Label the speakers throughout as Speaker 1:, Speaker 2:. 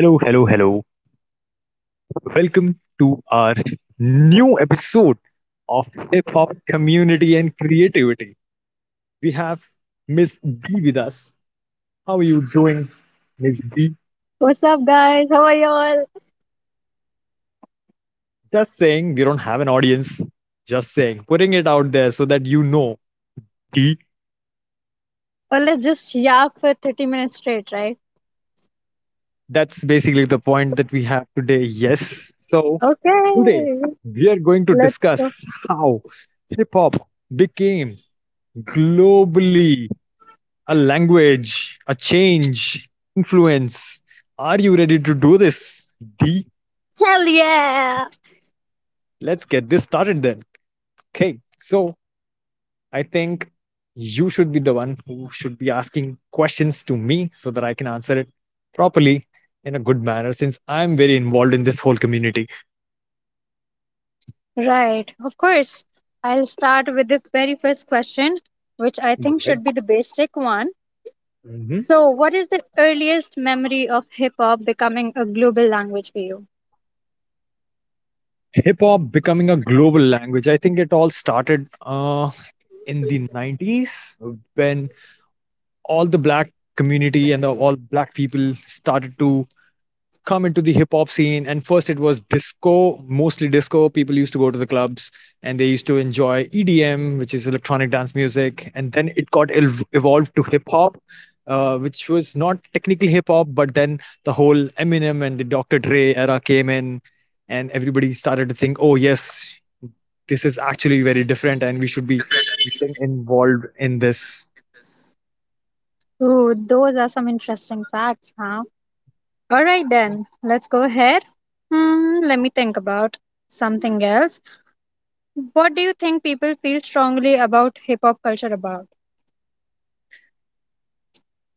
Speaker 1: Hello, hello, hello. Welcome to our new episode of Hip Hop Community and Creativity. We have Miss D with us. How are you doing, Miss D?
Speaker 2: What's up, guys? How are y'all?
Speaker 1: Just saying, we don't have an audience. Just saying, putting it out there so that D.
Speaker 2: Well, let's just yap for 30 minutes straight, right?
Speaker 1: That's basically the point that we have today. Yes. So, today
Speaker 2: Okay,
Speaker 1: we are going to
Speaker 2: let's
Speaker 1: discuss
Speaker 2: go.
Speaker 1: how hip hop became globally a language, a change, influence. Are you ready to do this? D,
Speaker 2: Hell yeah!
Speaker 1: let's get this started then. Okay, so I think you should be the one who should be asking questions to me so that I can answer it properly in a good manner since I'm very involved in this whole community.
Speaker 2: Right, of course. I'll start with the very first question, which I
Speaker 1: Go
Speaker 2: think should
Speaker 1: ahead.
Speaker 2: be the basic one.
Speaker 1: Mhm.
Speaker 2: So, what is the earliest memory of hip hop becoming a global language for you?
Speaker 1: Hip hop becoming a global language. I think it all started in the 90s when all the black community and all black people started to come into the hip hop scene. And first it was disco. Mostly disco people used to go to the clubs and they used to enjoy EDM, which is electronic dance music. And then it got evolved to hip hop, which was not technically hip hop. But then the whole Eminem and the Dr Dre era came in and everybody started to think, oh yes, this is actually very different and we should be getting involved in this
Speaker 2: Ooh, those are some interesting facts, huh? All right, then, let's go ahead. Let me think about something else. What do you think people feel strongly about hip hop culture about?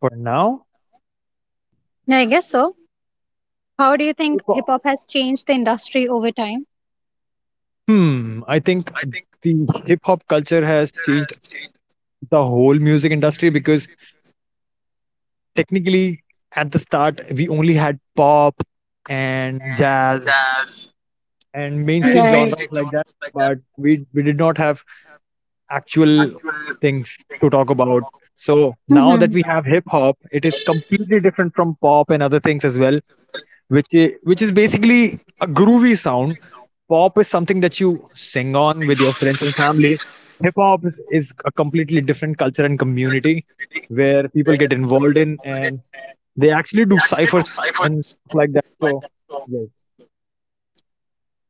Speaker 1: for now.
Speaker 2: Yeah, I guess so. How do you
Speaker 1: Hip
Speaker 2: think hip
Speaker 1: hop.
Speaker 2: hop has changed the industry over time?
Speaker 1: Hmm, I think the hip hop culture has changed the whole music industry because technically at the start we only had pop and jazz and
Speaker 2: And
Speaker 1: mainstream
Speaker 2: right, mainstream
Speaker 1: genres like that,
Speaker 2: genres like that.
Speaker 1: but we did not have actual things to talk about. So now that
Speaker 2: Mhm.
Speaker 1: we have hip hop, it is completely different from pop and other things as well, which is basically a groovy sound. Pop is something that you sing on with your friends and family. Hip hop is a completely different culture and community where people get involved in and they actually do ciphers and stuff like that. So, yes.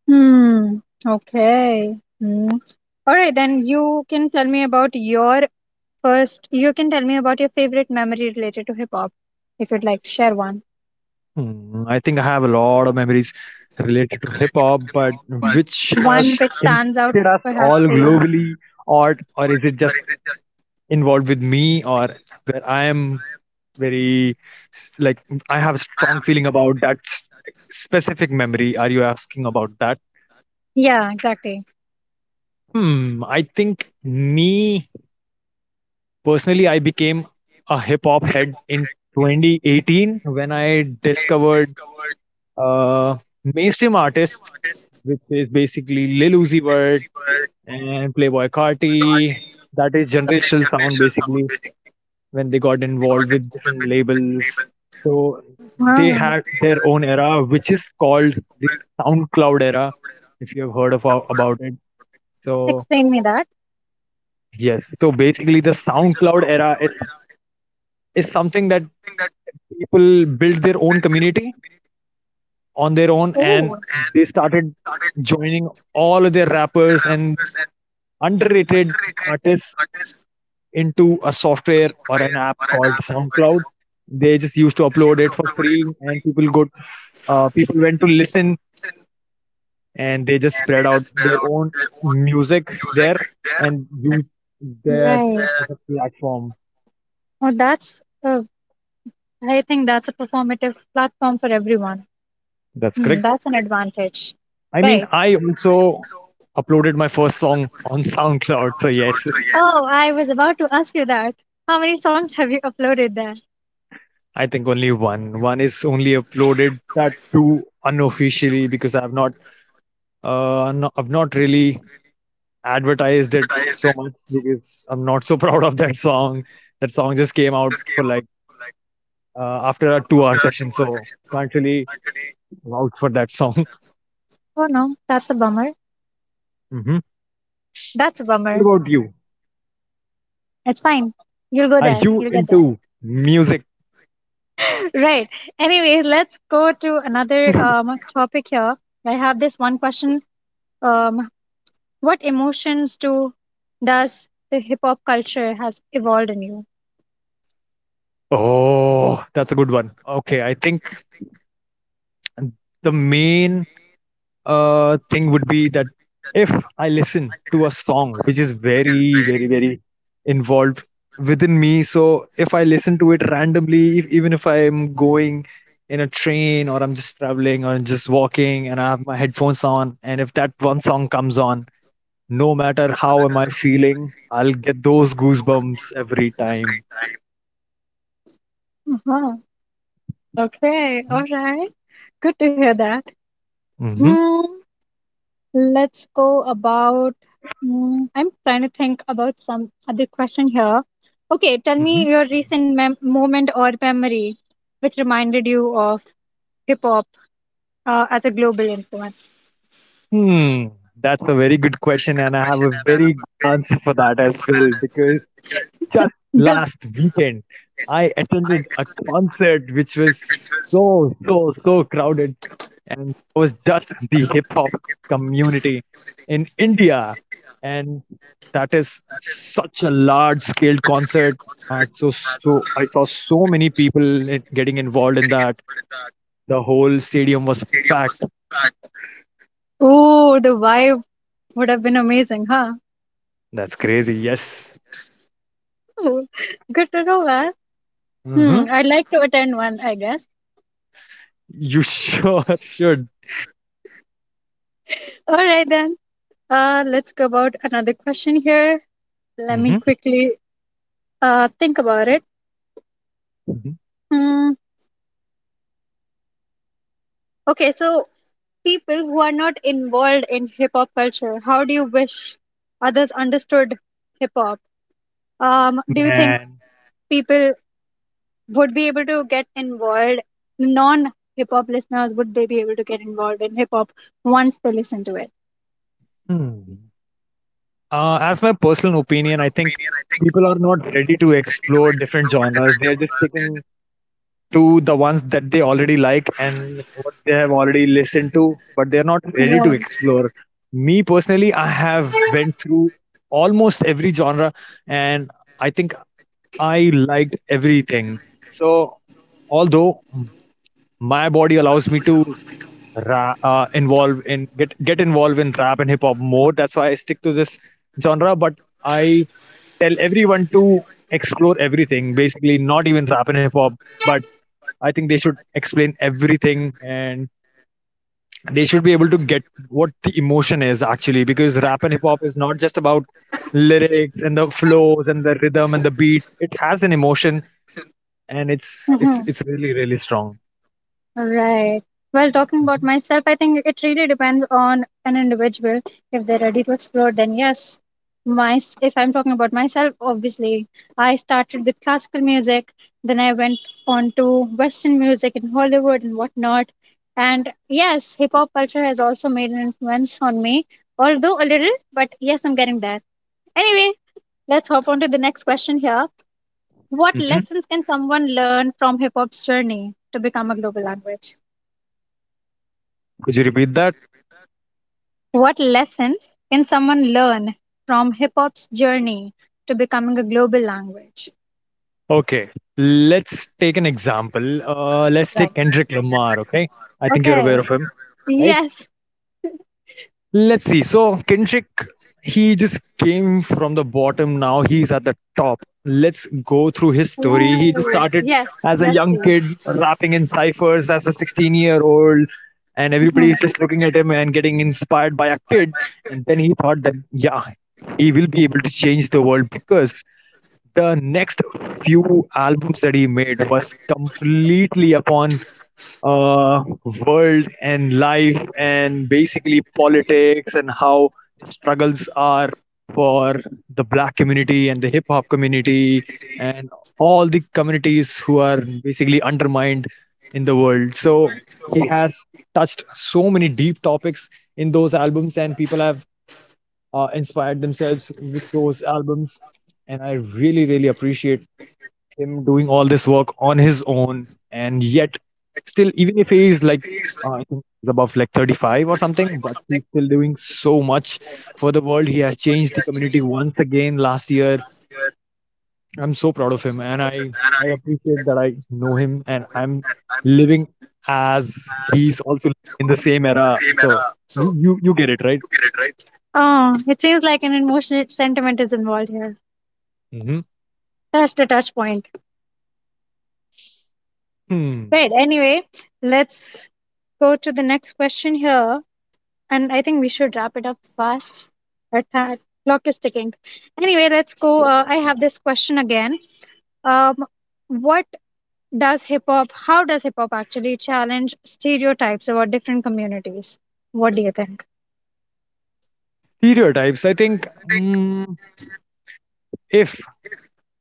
Speaker 2: Hmm. Okay. Hmm. All right, then you can tell me about your first. You can tell me about your favorite memory related to hip hop, if you'd like to share one.
Speaker 1: Hmm, I think I have a lot of memories related to hip
Speaker 2: Related to
Speaker 1: hop,
Speaker 2: hip
Speaker 1: but
Speaker 2: hop, but
Speaker 1: which
Speaker 2: one
Speaker 1: has
Speaker 2: which stands out
Speaker 1: impacted us
Speaker 2: perhaps
Speaker 1: all
Speaker 2: for you.
Speaker 1: globally, or is it just involved with me, or where I am very like I have a strong feeling about that specific memory. Are you asking about that?
Speaker 2: Yeah, exactly.
Speaker 1: Hmm. I think me personally, I became a hip hop head in 2018 when I discovered uh, mainstream artists, which is basically Lil Uzi Vert and Playboy Carti. That is generational sound basically when they got involved with different labels. So they
Speaker 2: Ah.
Speaker 1: had their own era, which is called the SoundCloud era, if you have heard of about it. So
Speaker 2: Explain me that.
Speaker 1: yes, so basically the SoundCloud era is something that people built their own community on their own, and
Speaker 2: Oh,
Speaker 1: they started joining all of their rappers and underrated artists into a software or an app called SoundCloud. They just used to upload it for free, and people went to listen, and they just spread out their own music there and use that
Speaker 2: right.
Speaker 1: as a platform.
Speaker 2: Oh, I think that's a performative platform for everyone.
Speaker 1: That's correct.
Speaker 2: That's an advantage.
Speaker 1: I mean,
Speaker 2: Right.
Speaker 1: I also uploaded my first song on SoundCloud. So yes,
Speaker 2: Oh, I was about to ask you that. How many songs have you uploaded there?
Speaker 1: I think only one. One is only uploaded that too unofficially because I've not really advertised it so much because I'm not so proud of that song. That song just came out for like after a 2 hour session, so can't really vouch for that song.
Speaker 2: Oh, no, that's a bummer.
Speaker 1: Hmm.
Speaker 2: That's a bummer.
Speaker 1: What about you?
Speaker 2: It's fine. You'll go
Speaker 1: Are
Speaker 2: there.
Speaker 1: you
Speaker 2: You'll get there.
Speaker 1: into music?
Speaker 2: Right. Anyway, let's go to another topic here. I have this one question. Um, what emotions do Does the hip hop culture has evolved in you?
Speaker 1: Oh, that's a good one. Okay, I think the main thing would be that if I listen to a song which is very, very, very involved within me, so if I listen to it randomly, if, even if I'm going in a train or I'm just traveling or just walking and I have my headphones on, and if that one song comes on, no matter how am I feeling, I'll get those goosebumps every time.
Speaker 2: Uh-huh. Okay, all right. Good to hear that.
Speaker 1: Hmm.
Speaker 2: Mm, let's go about. I'm trying to think about some other question here. Okay, tell
Speaker 1: Hmm.
Speaker 2: me your recent moment or memory which reminded you of hip hop as a global influence.
Speaker 1: Hmm. That's a very good question, and I have a very good answer for that as well because just
Speaker 2: Good.
Speaker 1: last weekend, I attended a concert which was so, so, so crowded. And it was just the hip hop community in India. And that is such a large scale concert. And so I saw so many people getting involved in that. The whole stadium was packed.
Speaker 2: Oh, the vibe would have been amazing, huh?
Speaker 1: That's crazy. Yes.
Speaker 2: Ooh, good to know that.
Speaker 1: Hmm.
Speaker 2: I'd like to attend one, I guess.
Speaker 1: You sure should.
Speaker 2: All right then. Let's go about another question here. Let me
Speaker 1: Hmm.
Speaker 2: quickly think about it. Hmm. Okay, so people who are not involved in hip hop culture, how do you wish others understood hip hop? Do you think
Speaker 1: Man.
Speaker 2: people would be able to get involved? Non hip hop listeners, would they be able to get involved in hip hop once they listen to it?
Speaker 1: Hmm. As my personal opinion, I think people are not ready to explore different genres. They are just sticking to the ones that they already like and what they have already listened to, but they're not ready to
Speaker 2: Right.
Speaker 1: explore. Me personally, I have went through almost every genre, and I think I liked everything. So, although my body allows me to ra- involve in get involved in rap and hip hop more, that's why I stick to this genre. But I tell everyone to explore everything, basically, not even rap and hip hop, but I think they should explain everything and they should be able to get what the emotion is actually, because rap and hip hop is not just about lyrics and the flows and the rhythm and the beat. It has an emotion and it's
Speaker 2: Mhm.
Speaker 1: it's it's really really strong.
Speaker 2: Right. Well, talking about myself, I think it really depends on an individual. If they're ready to explore, then yes. If I'm talking about myself, obviously, I started with classical music, then I went on to Western music in Hollywood and whatnot. And yes, hip hop culture has also made an influence on me, although a little, but yes, I'm getting there. Anyway, let's hop on to the next question here. What
Speaker 1: Hmm.
Speaker 2: lessons can someone learn from hip hop's journey to become a global language?
Speaker 1: Could you repeat that?
Speaker 2: What lessons can someone learn from hip hop's journey to becoming a global language?
Speaker 1: Okay, let's take an example. Let's
Speaker 2: Right.
Speaker 1: take Kendrick Lamar. Okay, I think you're
Speaker 2: Okay.
Speaker 1: aware of him, right?
Speaker 2: Yes.
Speaker 1: Let's see. So Kendrick, he just came from the bottom. Now he's at the top. Let's go through his
Speaker 2: Ooh.
Speaker 1: story. He just started
Speaker 2: Yes.
Speaker 1: as a
Speaker 2: Yes,
Speaker 1: young
Speaker 2: please.
Speaker 1: kid rapping in ciphers as a 16-year-old. And everybody
Speaker 2: Mhm.
Speaker 1: is just looking at him and getting inspired by a kid. And then he thought that, yeah, he will be able to change the world because the next few albums that he made was completely upon uh, world and life and basically politics and how the struggles are for the black community and the hip hop community and all the communities who are basically undermined in the world. So he has touched so many deep topics in those albums, and people have inspired themselves with those albums. And I really, really appreciate him doing all this work on his own. And yet still, even if he is like I think he's above like 35 or something, but he's still doing so much for the world. He has changed the community once again last year. I'm so proud of him and I appreciate that I know him and I'm living as he's also in the same era. So you get it right.
Speaker 2: Oh, it seems like an emotional sentiment is involved here.
Speaker 1: Mm-hmm.
Speaker 2: That's the touch point.
Speaker 1: Hmm.
Speaker 2: Right. Anyway, let's go to the next question here. And I think we should wrap it up fast. Our clock is ticking. Anyway, let's go. I have this question again. Um, what does hip hop, How does hip hop actually challenge stereotypes about different communities? What do you think?
Speaker 1: Stereotypes, I think, mm, if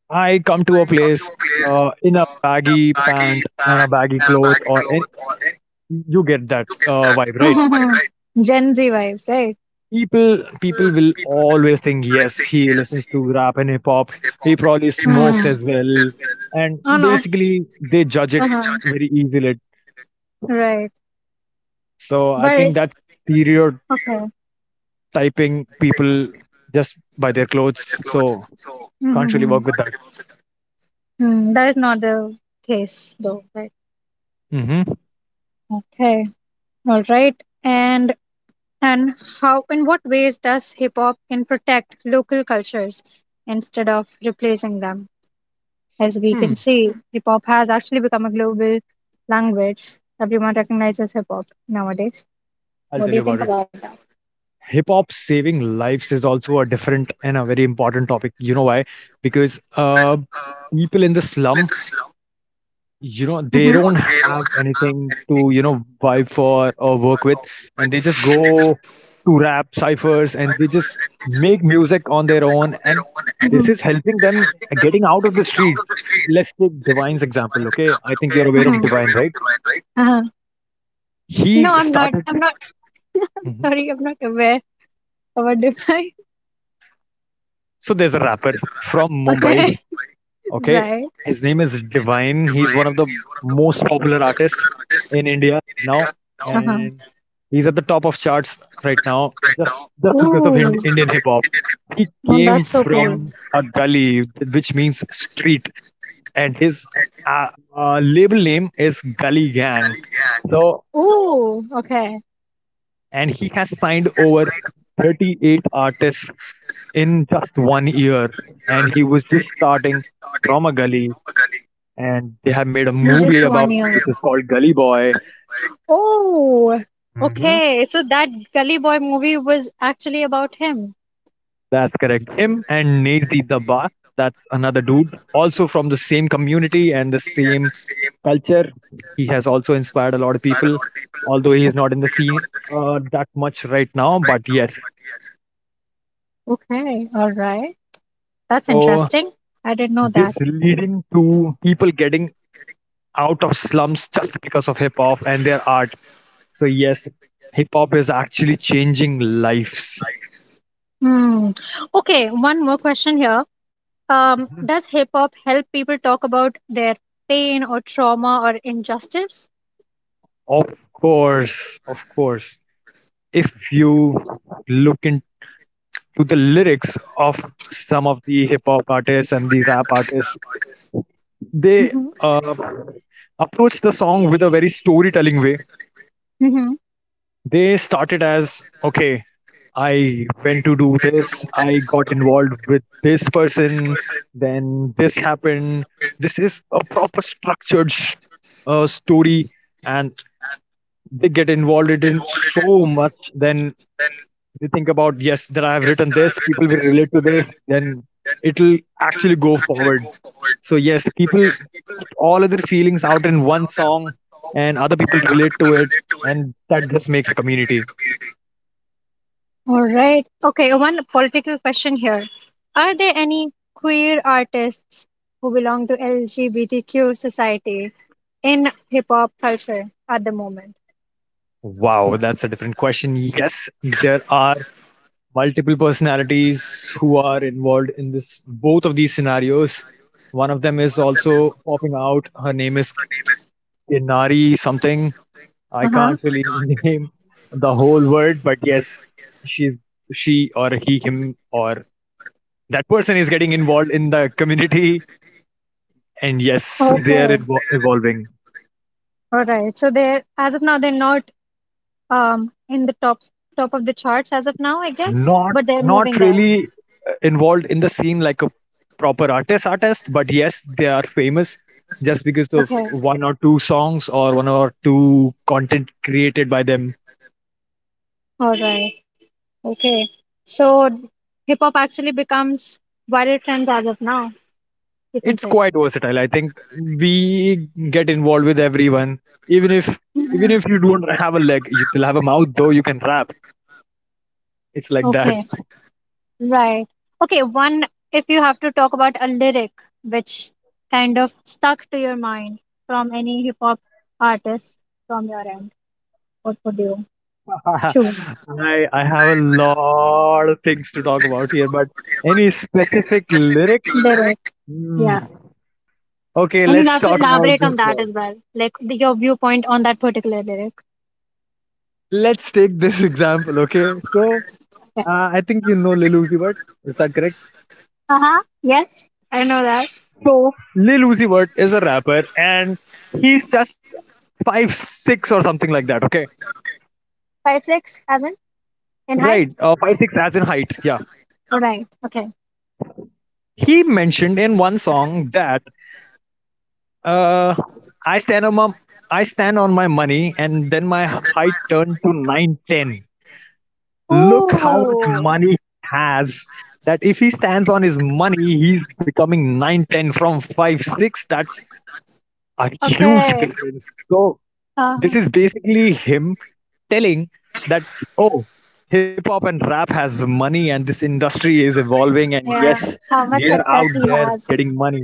Speaker 1: I come to a place in a baggy pant and a baggy cloth, or any, you get that
Speaker 2: Look at that.
Speaker 1: vibe, right?
Speaker 2: Oh, my God. Gen Z vibes, right?
Speaker 1: People, people will always think, yes, he listens to rap and hip hop. He probably
Speaker 2: People are
Speaker 1: smokes
Speaker 2: just-
Speaker 1: as well, and
Speaker 2: Hmm. Oh, no.
Speaker 1: basically they judge
Speaker 2: They,
Speaker 1: it
Speaker 2: uh-huh, judge
Speaker 1: very easily.
Speaker 2: it. Right.
Speaker 1: So I think
Speaker 2: But,
Speaker 1: that
Speaker 2: okay.
Speaker 1: stereotyping people just by their clothes, so can't really
Speaker 2: Mm-hmm.
Speaker 1: work with that.
Speaker 2: That is not the case, though. Right.
Speaker 1: Hmm.
Speaker 2: Okay. All right. And how in what ways does hip hop can protect local cultures instead of replacing them? As we can
Speaker 1: Hmm.
Speaker 2: see, hip hop has actually become a global language. Everyone recognizes hip hop nowadays.
Speaker 1: I'll
Speaker 2: What do
Speaker 1: tell
Speaker 2: you
Speaker 1: you
Speaker 2: think
Speaker 1: about it.
Speaker 2: about that?
Speaker 1: Hip hop saving lives is also a different and a very important topic. You know why? Because people in the slum, you know,
Speaker 2: Mhm.
Speaker 1: they
Speaker 2: You know,
Speaker 1: don't
Speaker 2: they
Speaker 1: have
Speaker 2: don't have
Speaker 1: anything
Speaker 2: anything
Speaker 1: to vibe for or work with, and they just go to rap ciphers and they just make music on their
Speaker 2: music on
Speaker 1: own,
Speaker 2: their
Speaker 1: and
Speaker 2: own. And
Speaker 1: this
Speaker 2: mhm.
Speaker 1: is helping them getting out of the streets. Let's take Divine's example.
Speaker 2: Reliance
Speaker 1: Okay,
Speaker 2: example,
Speaker 1: I think
Speaker 2: okay?
Speaker 1: you're
Speaker 2: I
Speaker 1: aware of
Speaker 2: think, mhm, you're
Speaker 1: Divine,
Speaker 2: aware of
Speaker 1: right?
Speaker 2: Reliance, right? Uh-huh.
Speaker 1: He
Speaker 2: No, I'm not.
Speaker 1: started.
Speaker 2: I'm not.
Speaker 1: Mhm.
Speaker 2: Sorry, I'm not aware of a Dubai.
Speaker 1: So there's a rapper from Mumbai.
Speaker 2: Okay,
Speaker 1: Okay.
Speaker 2: right.
Speaker 1: His name is Divine. He's one of the most popular artists in India now.
Speaker 2: No. Uh-huh.
Speaker 1: And he's at the top of charts right now just, just because of
Speaker 2: Ooh.
Speaker 1: Indian hip hop. He
Speaker 2: Oh,
Speaker 1: came
Speaker 2: that's so cool.
Speaker 1: from a gully, which means street. And his uh, label name is Gully Gang. So,
Speaker 2: Ooh, okay.
Speaker 1: and he has signed over 38 artists in just 1 year. And he was just starting from a gully, and they have made a
Speaker 2: Just
Speaker 1: movie
Speaker 2: one
Speaker 1: about it,
Speaker 2: year.
Speaker 1: which is called Gully Boy.
Speaker 2: Oh,
Speaker 1: Mm-hmm.
Speaker 2: okay. So that Gully Boy movie was actually about him.
Speaker 1: That's correct. Him and Nazi the Ba. That's another dude, also from the same community and the same culture. He has also inspired a lot of people, although he is not in the scene that much right now. But yes,
Speaker 2: Okay, all right. That's
Speaker 1: so
Speaker 2: interesting. I didn't know that.
Speaker 1: this leading to people getting out of slums just because of hip hop and their art. So yes, hip hop is actually changing lives.
Speaker 2: Hmm. Okay, one more question here.
Speaker 1: Mm-hmm.
Speaker 2: Does hip hop help people talk about their pain or trauma or injustice?
Speaker 1: Of course, of course. If you look into the lyrics of some of the hip hop artists and the rap artists, they
Speaker 2: Mm-hmm.
Speaker 1: uh, approach the song with a very storytelling way.
Speaker 2: Mm-hmm.
Speaker 1: They started as, okay, I went to do this, I got involved with this person, then this happened. This is a proper structured story, and they get involved in so much. Then you think about, yes, that I have written this, people will relate to this, then it'll actually go forward. So yes, people put all of their feelings out in one song and other people relate to it, and that just makes a community.
Speaker 2: All right. Okay, one political question here. Are there any queer artists who belong to LGBTQ society in hip hop culture at the moment?
Speaker 1: Wow, that's a different question. Yes, there are multiple personalities who are involved in this, both of these scenarios. One of them is also popping out. Her name is Inari something. I
Speaker 2: Uh huh.
Speaker 1: can't really name the whole word, but yes, she's... she or he, him or that person is getting involved in the community, and yes, they are
Speaker 2: Okay.
Speaker 1: evolving.
Speaker 2: All right. So, they're as of now, they're not, in the top of the charts as of now, I guess,
Speaker 1: Not
Speaker 2: but they're
Speaker 1: not
Speaker 2: moving there.
Speaker 1: really involved in the scene like a proper artist, but yes, they are famous just because of
Speaker 2: Okay.
Speaker 1: one or two songs or one or two content created by them.
Speaker 2: All right. Okay. So hip hop actually becomes viral trends as of now, you can
Speaker 1: It's
Speaker 2: say.
Speaker 1: quite versatile. I think we get involved with everyone, even if even
Speaker 2: Mhm.
Speaker 1: if you don't have a leg, you still have a mouth, though. You can rap. It's like that.
Speaker 2: Okay. Right. Okay, one if you have to talk about a lyric which kind of stuck to your mind from any hip hop artist from your end, what would you choose?
Speaker 1: I have a lot of things to talk about here, but any specific lyric?
Speaker 2: Lyric. Yeah.
Speaker 1: Hmm. Okay,
Speaker 2: And you'll
Speaker 1: let's
Speaker 2: have to
Speaker 1: talk about
Speaker 2: elaborate on
Speaker 1: this
Speaker 2: that
Speaker 1: one.
Speaker 2: as well. Like your viewpoint on that particular lyric.
Speaker 1: Let's take this example, okay? So
Speaker 2: Yeah.
Speaker 1: I think, you know, Lil Uzi Vert, is that correct?
Speaker 2: Uh huh. Yes. I know that.
Speaker 1: So Lil Uzi Vert is a rapper, and he's just 5'6" or something like that, okay?
Speaker 2: 5'6" as in height?
Speaker 1: Right, 5'6" as in height. Yeah,
Speaker 2: Right. Okay.
Speaker 1: he mentioned in one song that uh, I stand on my money, and then my height turned to 9'10". Look how much
Speaker 2: Ooh.
Speaker 1: money he has. That if he stands on his money, he's becoming 9'10" from 5'6". That's a huge
Speaker 2: Okay.
Speaker 1: difference. So this
Speaker 2: Uh-huh.
Speaker 1: is basically him telling that, oh, hip hop and rap has money and this industry is evolving, and
Speaker 2: Yeah,
Speaker 1: yes,
Speaker 2: how
Speaker 1: we
Speaker 2: much
Speaker 1: are out
Speaker 2: success he
Speaker 1: there
Speaker 2: has.
Speaker 1: getting money.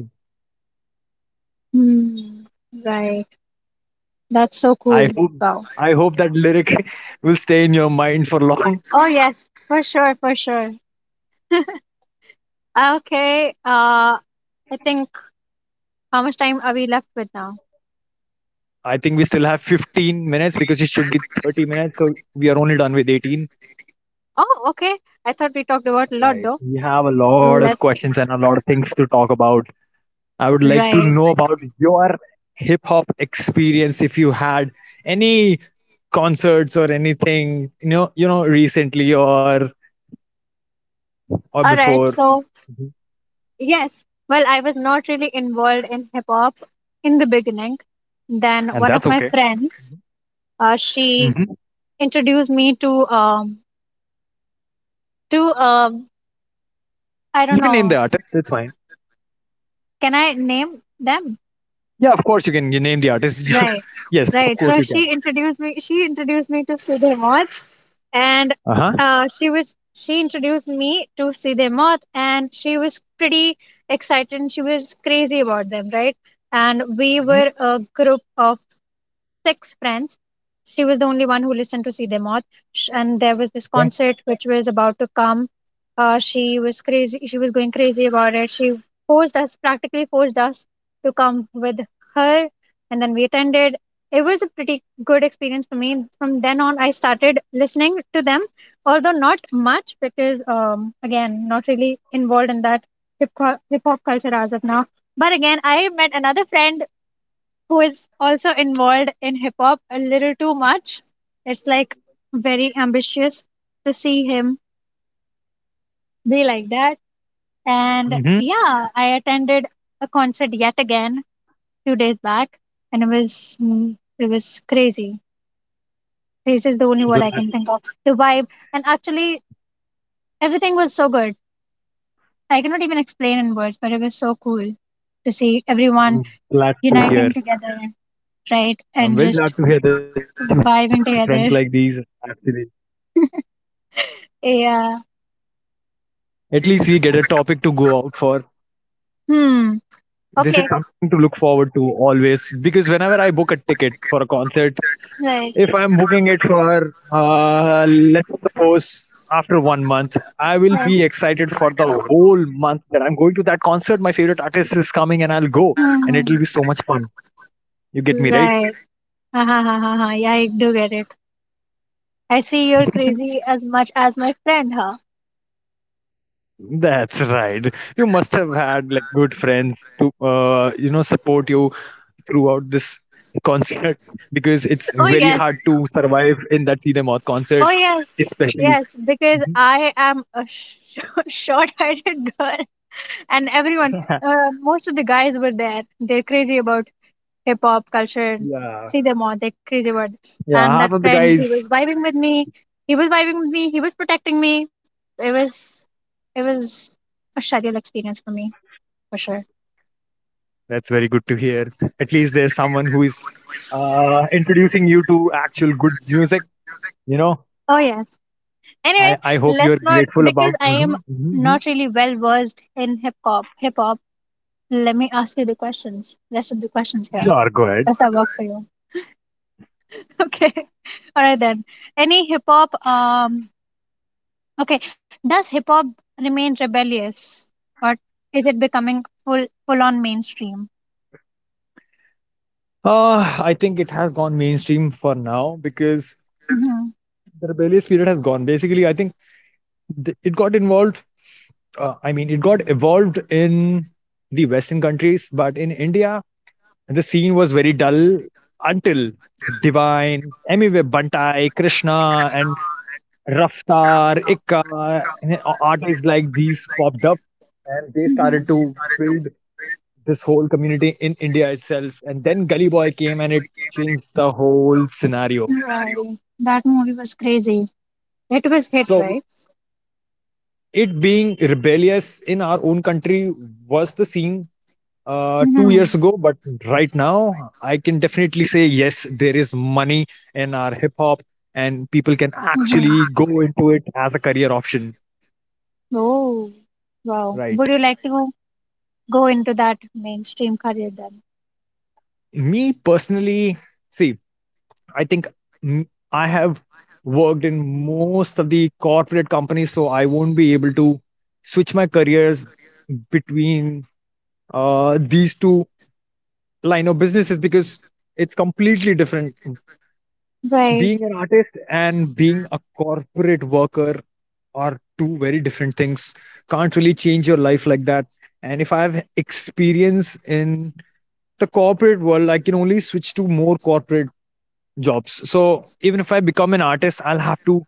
Speaker 2: Hmm. Right. That's so
Speaker 1: I
Speaker 2: cool.
Speaker 1: hope
Speaker 2: Wow.
Speaker 1: I hope that lyric will stay in your mind for long.
Speaker 2: Oh yes, for sure, for sure. Okay. I think how much time are we left with now?
Speaker 1: I think we still have 15 minutes because it should be 30 minutes. So we are only done with 18.
Speaker 2: Oh, okay. I thought we talked about a lot
Speaker 1: Right.
Speaker 2: though.
Speaker 1: We have a lot of
Speaker 2: Let's.
Speaker 1: questions and a lot of things to talk about. I would like to
Speaker 2: Right.
Speaker 1: know about your hip hop experience if you had any concerts or anything, recently or
Speaker 2: All
Speaker 1: before.
Speaker 2: right. So
Speaker 1: Mm-hmm.
Speaker 2: yes. Well, I was not really involved in hip hop in the beginning. Then
Speaker 1: And
Speaker 2: one
Speaker 1: that's
Speaker 2: of my
Speaker 1: okay.
Speaker 2: friends, she
Speaker 1: hmm
Speaker 2: introduced me to I
Speaker 1: You
Speaker 2: don't
Speaker 1: can name the
Speaker 2: know.
Speaker 1: artist. That's fine.
Speaker 2: Can I name them?
Speaker 1: Yeah, of course you can. You name the artist. You,
Speaker 2: Right,
Speaker 1: yes, of
Speaker 2: right.
Speaker 1: course
Speaker 2: So
Speaker 1: you can.
Speaker 2: she introduced me. She introduced me to Sidhe Moth, and
Speaker 1: Uh huh.
Speaker 2: she introduced me to Sidhe Moth, and she was pretty excited. And she was crazy about them, right? And we were
Speaker 1: hmm
Speaker 2: a group of six friends. She was the only one who listened to See Them Off. And there was this
Speaker 1: Okay.
Speaker 2: concert which was about to come. She was crazy. She was going crazy about it. She forced us, practically forced us to come with her. And then we attended. It was a pretty good experience for me. From then on, I started listening to them, although not much because, again, not really involved in that hip hop culture as of now. But again, I met another friend who is also involved in hip hop a little too much. It's like very ambitious to see him be like that. And
Speaker 1: hmm
Speaker 2: yeah, I attended a concert yet again two days back, and it was crazy. Crazy is the only word I can think
Speaker 1: Glad,
Speaker 2: of. The vibe, and actually everything was so good. I cannot even explain in words, but it was so cool to see everyone
Speaker 1: I'm glad
Speaker 2: uniting
Speaker 1: to hear.
Speaker 2: together, right, and
Speaker 1: I'm
Speaker 2: just
Speaker 1: very glad to hear that you have friends
Speaker 2: vibing
Speaker 1: like these.
Speaker 2: together.
Speaker 1: Actually,
Speaker 2: Yeah.
Speaker 1: at least we get a topic to go out for.
Speaker 2: Hmm.
Speaker 1: This is
Speaker 2: Okay.
Speaker 1: something to look forward to always, because
Speaker 2: Race,
Speaker 1: whenever I book a ticket for a concert, if
Speaker 2: right,
Speaker 1: I'm booking it for let's suppose after one month, I will be
Speaker 2: right.
Speaker 1: excited for the whole month that I'm going to that concert. My favorite artist is coming, and I'll go,
Speaker 2: Would have a
Speaker 1: and it'll be so much fun. You get me, right?
Speaker 2: right. Ha, ha, ha, ha, ha. Yeah, I do get it. I see you're crazy as much as my friend, huh?
Speaker 1: That's right. You must have had like good friends to, support you throughout this concert, because it's
Speaker 2: Oh,
Speaker 1: very
Speaker 2: yes.
Speaker 1: hard to survive in that see them out
Speaker 2: To oh,
Speaker 1: concert,
Speaker 2: stop, yes.
Speaker 1: especially.
Speaker 2: Yes, because
Speaker 1: Mhm.
Speaker 2: I am a sh- short-sighted girl, and everyone, most of the guys were there. They're crazy about hip hop culture.
Speaker 1: Yeah,
Speaker 2: See them all, they're crazy word.
Speaker 1: yeah.
Speaker 2: And that
Speaker 1: Half of the
Speaker 2: friend, he was
Speaker 1: guys.
Speaker 2: vibing with me. He was vibing with me. He was protecting me. It was, it was a schedule experience for me for sure.
Speaker 1: That's very good to hear. At least there's someone who is introducing you to actual good music. You know,
Speaker 2: Oh yes.
Speaker 1: I
Speaker 2: Anyway,
Speaker 1: I hope you're
Speaker 2: let's not
Speaker 1: grateful about.
Speaker 2: because I am
Speaker 1: Mhm, mhm, mhm.
Speaker 2: not really well versed in hip hop. Hip hop. Let me ask you the questions. Rest of the questions here.
Speaker 1: Sure, go ahead.
Speaker 2: Does that work for you? Okay. All right then. Any hip hop Okay, does hip hop remain rebellious, or is it becoming full on mainstream?
Speaker 1: I think it has gone mainstream for now because
Speaker 2: hmm
Speaker 1: the rebellious period has gone. Basically, I think it got involved. I mean, it got evolved in the Western countries, but in India, and the scene was very dull until Divine, Emiwe Bantai, Krishna, and Raftar, Ikka, and artists like these popped up, and they
Speaker 2: hmm
Speaker 1: started to build this whole community in India itself. And then Gully Boy came and it changed the whole scenario.
Speaker 2: Right. That movie was crazy. It was hit,
Speaker 1: So
Speaker 2: right?
Speaker 1: it being rebellious in our own country was the scene 2 years
Speaker 2: Mm-hmm.
Speaker 1: ago, but right now I can definitely say yes, there is money in our hip hop, and people can
Speaker 2: Mm-hmm.
Speaker 1: actually go into it as a career option.
Speaker 2: Oh, wow. Would
Speaker 1: Right.
Speaker 2: you like to go into that mainstream career then?
Speaker 1: Me personally, see, I think, mm, I have worked in most of the corporate companies, so I won't be able to switch my careers between these two line of businesses, because it's completely different.
Speaker 2: Right,
Speaker 1: Being an artist and being a corporate worker are two very different things. Can't really change your life like that. And if I have experience in the corporate world, I can only switch to more corporate jobs. So even if I become an artist, I'll have to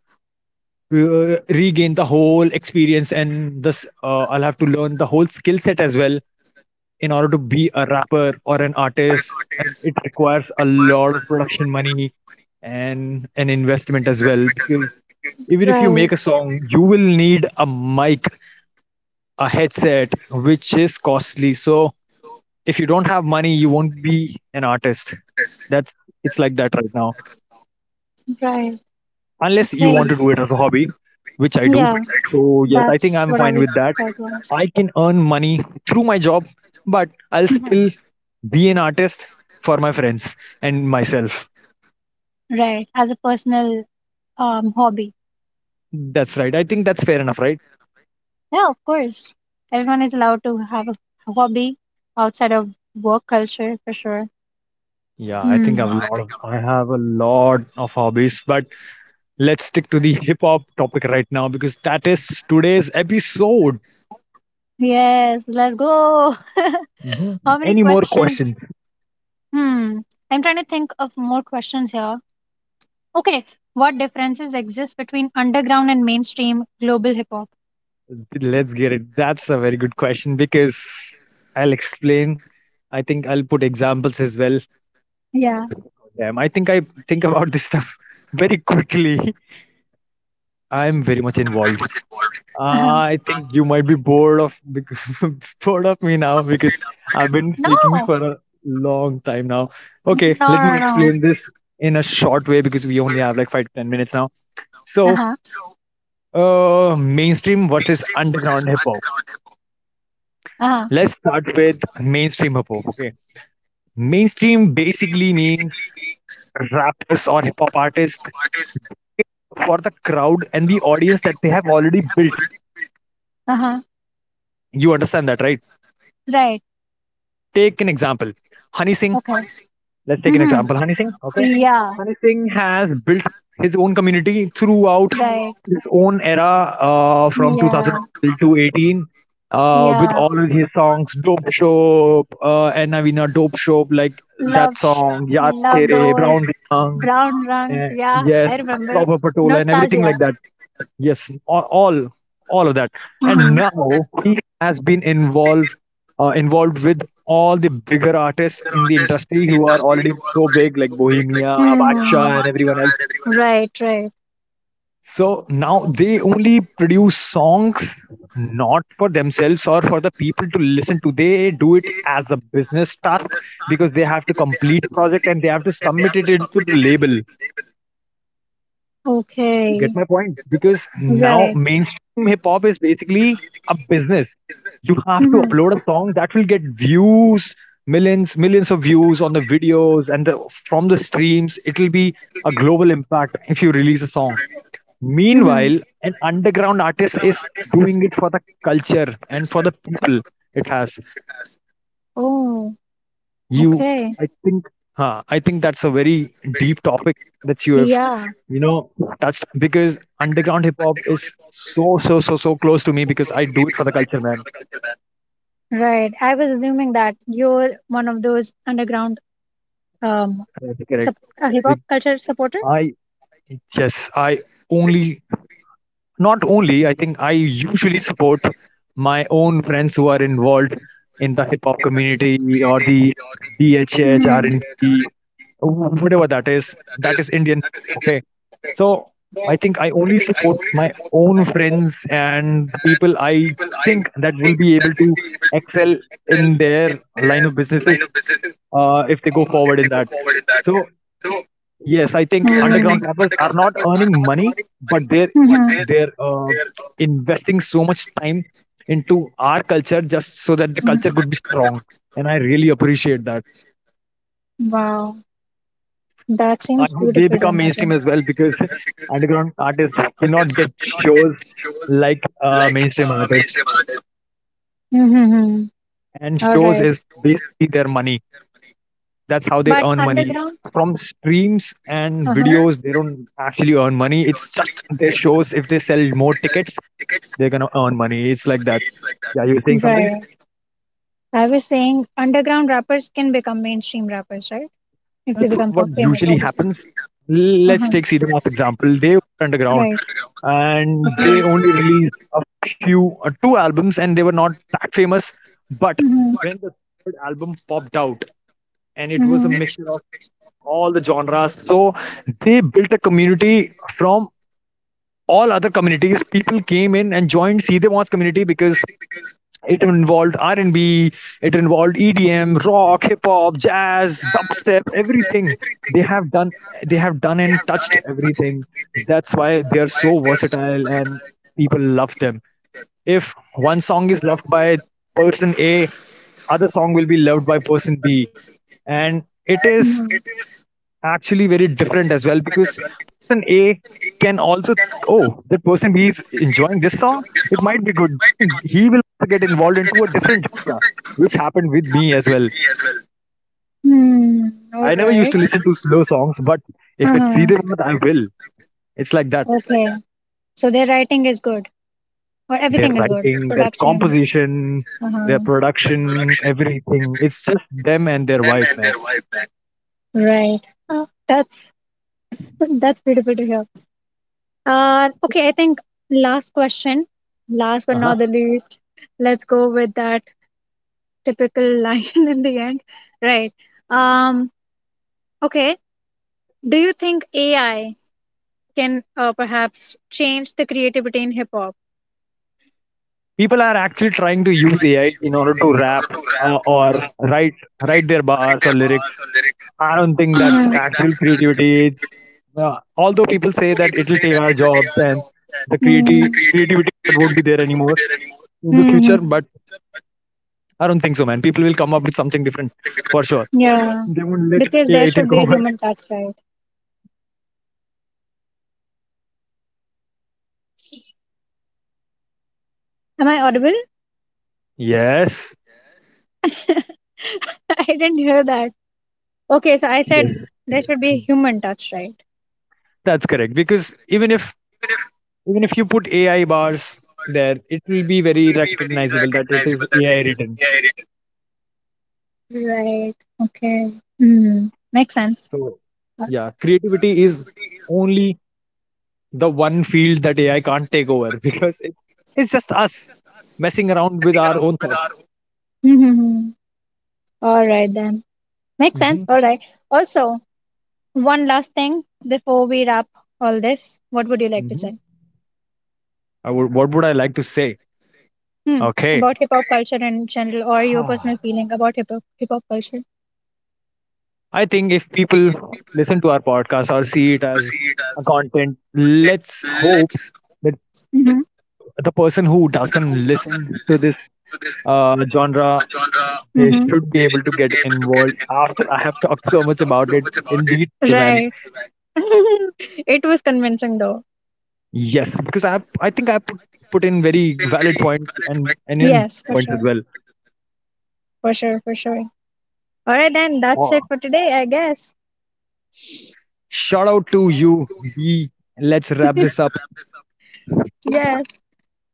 Speaker 1: regain the whole experience, and this I'll have to learn the whole skill set as well in order to be a rapper or an artist. And it requires a lot of production money and an investment as well, because even if you
Speaker 2: right,
Speaker 1: make a song, you will need a mic, a headset, which is costly. So if you don't have money, you won't be an artist. That's... it's like that right now,
Speaker 2: right.
Speaker 1: unless you
Speaker 2: Okay.
Speaker 1: want to do it as a hobby, which I do.
Speaker 2: Yeah,
Speaker 1: So yes, I think
Speaker 2: that's
Speaker 1: I'm
Speaker 2: what I
Speaker 1: fine
Speaker 2: was
Speaker 1: with that.
Speaker 2: about to ask.
Speaker 1: I can earn money through my job, but I'll
Speaker 2: Mhm.
Speaker 1: still be an artist for my friends and myself.
Speaker 2: Right, as a personal hobby.
Speaker 1: That's right. I think that's fair enough, right?
Speaker 2: Yeah, of course. Everyone is allowed to have a hobby outside of work culture for sure.
Speaker 1: Yeah, I
Speaker 2: Hmm.
Speaker 1: think I
Speaker 2: Yeah,
Speaker 1: have a
Speaker 2: I
Speaker 1: lot of
Speaker 2: think I'm-
Speaker 1: I have a lot of hobbies, but let's stick to the hip hop topic right now because that is today's episode.
Speaker 2: Yes, let's go.
Speaker 1: Mm-hmm.
Speaker 2: How many
Speaker 1: Any more
Speaker 2: questions?
Speaker 1: questions?
Speaker 2: Hmm. I'm trying to think of more questions here. Okay, what differences exist between underground and mainstream global hip hop?
Speaker 1: Let's get it. That's a very good question, because I'll explain. I think I'll put examples as well.
Speaker 2: Yeah.
Speaker 1: Damn, I think about this stuff very quickly. I'm very much involved. Uh,
Speaker 2: Uh-huh.
Speaker 1: I think you might be bored of bored of me now because I've been speaking
Speaker 2: No.
Speaker 1: for a long time now.
Speaker 2: No,
Speaker 1: Okay, let
Speaker 2: no,
Speaker 1: me
Speaker 2: no.
Speaker 1: explain this in a short way because we only have like 5 to 10 minutes now. So,
Speaker 2: Uh-huh.
Speaker 1: mainstream versus underground hip hop.
Speaker 2: Uh-huh.
Speaker 1: Let's start with mainstream hip hop. Okay, mainstream basically means rappers or hip hop artists for the crowd and the audience that they have already built.
Speaker 2: Uh-huh.
Speaker 1: You understand that, right?
Speaker 2: Right.
Speaker 1: Take an example, Honey Singh.
Speaker 2: Okay.
Speaker 1: Let's take an
Speaker 2: Mm-hmm.
Speaker 1: example, Honey Singh. Okay,
Speaker 2: Yeah.
Speaker 1: Honey Singh has built his own community throughout
Speaker 2: Right.
Speaker 1: his own era from
Speaker 2: Yeah.
Speaker 1: 2000 to 18 with
Speaker 2: Yeah,
Speaker 1: all of his songs, Dope Shop, and Navina Dope Shop, like
Speaker 2: love
Speaker 1: that
Speaker 2: sh-
Speaker 1: song, Yaar
Speaker 2: loved
Speaker 1: Tere,
Speaker 2: those
Speaker 1: Brown Rang,
Speaker 2: brown run. Yeah, I
Speaker 1: yes,
Speaker 2: remember.
Speaker 1: Proper Patola, and everything like
Speaker 2: Nostalgia.
Speaker 1: that. Yes, all of that.
Speaker 2: Mm-hmm.
Speaker 1: And now he has been involved with all the bigger artists in the industry who are already so big, like Bohemia, Baksha, and
Speaker 2: Mhm.
Speaker 1: everyone else.
Speaker 2: Right, right.
Speaker 1: So now they only produce songs not for themselves or for the people to listen to. They do it as a business task because they have to complete a project and they have to submit it into the label. You get
Speaker 2: Okay,
Speaker 1: my point? Because now
Speaker 2: right.
Speaker 1: mainstream hip hop is basically a business. You have to
Speaker 2: Mm-hmm.
Speaker 1: upload a song that will get views, millions, millions of views on the videos and the... from the streams. It will be a global impact if you release a song.
Speaker 2: Mm-hmm.
Speaker 1: Meanwhile, an underground artist is doing it for the culture and for the people. It has
Speaker 2: Oh,
Speaker 1: you.
Speaker 2: okay.
Speaker 1: I think. Huh, I think that's a very deep topic that you have,
Speaker 2: Yeah,
Speaker 1: you know, touched, because underground hip hop is so so so so close to me because I do it for the culture, man.
Speaker 2: right. I was assuming that you're one of those underground um
Speaker 1: That's correct.
Speaker 2: hip
Speaker 1: Like,
Speaker 2: hop culture supporter.
Speaker 1: I yes, I only not only I think I usually support my own friends who are involved in the hip hop community or the DHH,
Speaker 2: Mhm.
Speaker 1: R&B, whatever that is, that is Indian, okay? So I think I only support my own friends and people I think that will be able to excel in their line of businesses, if they go forward in that. So... yes, I
Speaker 2: Oh.
Speaker 1: think underground
Speaker 2: Rappers,
Speaker 1: rappers are not earning money, but they're
Speaker 2: what. Mhm.
Speaker 1: they're investing so much time into our culture just so that the culture
Speaker 2: Mhm.
Speaker 1: could be strong. And I really appreciate that.
Speaker 2: Be wow, that
Speaker 1: I
Speaker 2: seems
Speaker 1: hope they
Speaker 2: beautiful to
Speaker 1: become mainstream
Speaker 2: imagine.
Speaker 1: as well because underground artists cannot get shows like mainstream artists.
Speaker 2: Mm-hmm.
Speaker 1: And
Speaker 2: All
Speaker 1: shows
Speaker 2: right.
Speaker 1: is basically their money. That's how they
Speaker 2: But
Speaker 1: earn money
Speaker 2: underground?
Speaker 1: from streams and
Speaker 2: Uh-huh.
Speaker 1: videos. They don't actually earn money. It's just their shows. If they sell more tickets, they're gonna earn money. It's like that. Yeah, you were saying something?
Speaker 2: Right. I was saying underground rappers can become mainstream rappers, right? If
Speaker 1: That's
Speaker 2: they become
Speaker 1: what
Speaker 2: famous,
Speaker 1: usually
Speaker 2: obviously.
Speaker 1: happens. Let's
Speaker 2: Uh-huh.
Speaker 1: take Cedar Moss example. They were underground
Speaker 2: Right.
Speaker 1: and
Speaker 2: Okay.
Speaker 1: they only released a few, two albums, and they were not that famous. But
Speaker 2: Mm-hmm.
Speaker 1: when the third album popped out, and it was a
Speaker 2: Mm-hmm.
Speaker 1: mixture of all the genres, so they built a community from all other communities. People came in and joined Cedar Moss community because it involved R&B, it involved EDM, rock, hip hop, jazz, dubstep, everything. They have done they have done and touched everything. That's why they are so versatile and people love them. If one song is loved by person A, other song will be loved by person B, and it is actually very different as well because person A can also think, oh, that person B is enjoying this song. It might be good. He will get involved into a different genre, which happened with me as well.
Speaker 2: Mm-hmm. All
Speaker 1: I never used
Speaker 2: right.
Speaker 1: to listen to slow songs, but if it's
Speaker 2: Mhm.
Speaker 1: Sridhar, I will. It's like that.
Speaker 2: Okay. So their writing is good, or
Speaker 1: Their
Speaker 2: everything is good.
Speaker 1: writing, their
Speaker 2: Production.
Speaker 1: composition, their
Speaker 2: Uh-huh.
Speaker 1: production, everything. It's just them and their vibe, man.
Speaker 2: Right. Uh, that's that's beautiful to hear. Okay, I think last question, last but
Speaker 1: Uh-huh.
Speaker 2: not the least. Let's go with that typical line in the end. Right. Um, okay. Do you think AI can perhaps change the creativity in hip hop?
Speaker 1: People are actually trying to use AI in order to rap, or write write their bars or lyrics. I don't think
Speaker 2: I
Speaker 1: that's
Speaker 2: don't, mhm, think
Speaker 1: actual
Speaker 2: that's,
Speaker 1: creativity. It's... although people say that it'll take our jobs and the
Speaker 2: Mm. creativity.
Speaker 1: creativity, that won't be there anymore in the future, but
Speaker 2: Mhm.
Speaker 1: I don't think so, man. People will come up with something different for sure.
Speaker 2: Yeah,
Speaker 1: They won't let
Speaker 2: because
Speaker 1: AI
Speaker 2: there
Speaker 1: take
Speaker 2: should be a
Speaker 1: over.
Speaker 2: human touch, right? Am I audible?
Speaker 1: Yes,
Speaker 2: I didn't hear that. Okay, so I said
Speaker 1: yes,
Speaker 2: there should be a human touch, right?
Speaker 1: that's correct. Because even if you put AI bars there, it will be very recognizable that it is AI written.
Speaker 2: Right. Okay. Hmm. Makes sense.
Speaker 1: So yeah, creativity is only the one field that AI can't take over because it's just us messing around with our own thoughts.
Speaker 2: Mm-hmm. All right then. Makes sense.
Speaker 1: Mhm,
Speaker 2: All right. Also, one last thing before we wrap all this, what would you like to
Speaker 1: mhm.
Speaker 2: say?
Speaker 1: I would... what would I like to say?
Speaker 2: Hmm.
Speaker 1: Okay.
Speaker 2: About hip hop culture in general, or your personal feeling about hip hop culture.
Speaker 1: I think if people listen to our podcast or see it as a content, let's hope that
Speaker 2: Mm-hmm.
Speaker 1: the person who doesn't listen to this genre, they
Speaker 2: Mm-hmm.
Speaker 1: should be able to get involved after I have talked so much about it in detail, man.
Speaker 2: Right. It was convincing though.
Speaker 1: Yes, because I think I put in very valid points and in
Speaker 2: Yes, for
Speaker 1: points as
Speaker 2: sure.
Speaker 1: well.
Speaker 2: For sure, for sure. All right, then that's it
Speaker 1: Oh,
Speaker 2: for today, I guess.
Speaker 1: shout out to you, D. Let's wrap this up.
Speaker 2: Yes.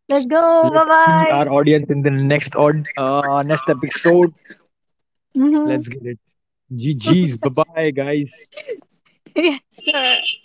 Speaker 2: Let's go. Bye
Speaker 1: Let's see
Speaker 2: bye.
Speaker 1: our audience in the next episode.
Speaker 2: hmm
Speaker 1: Let's get it. G. G's. Bye bye, guys.
Speaker 2: Yes.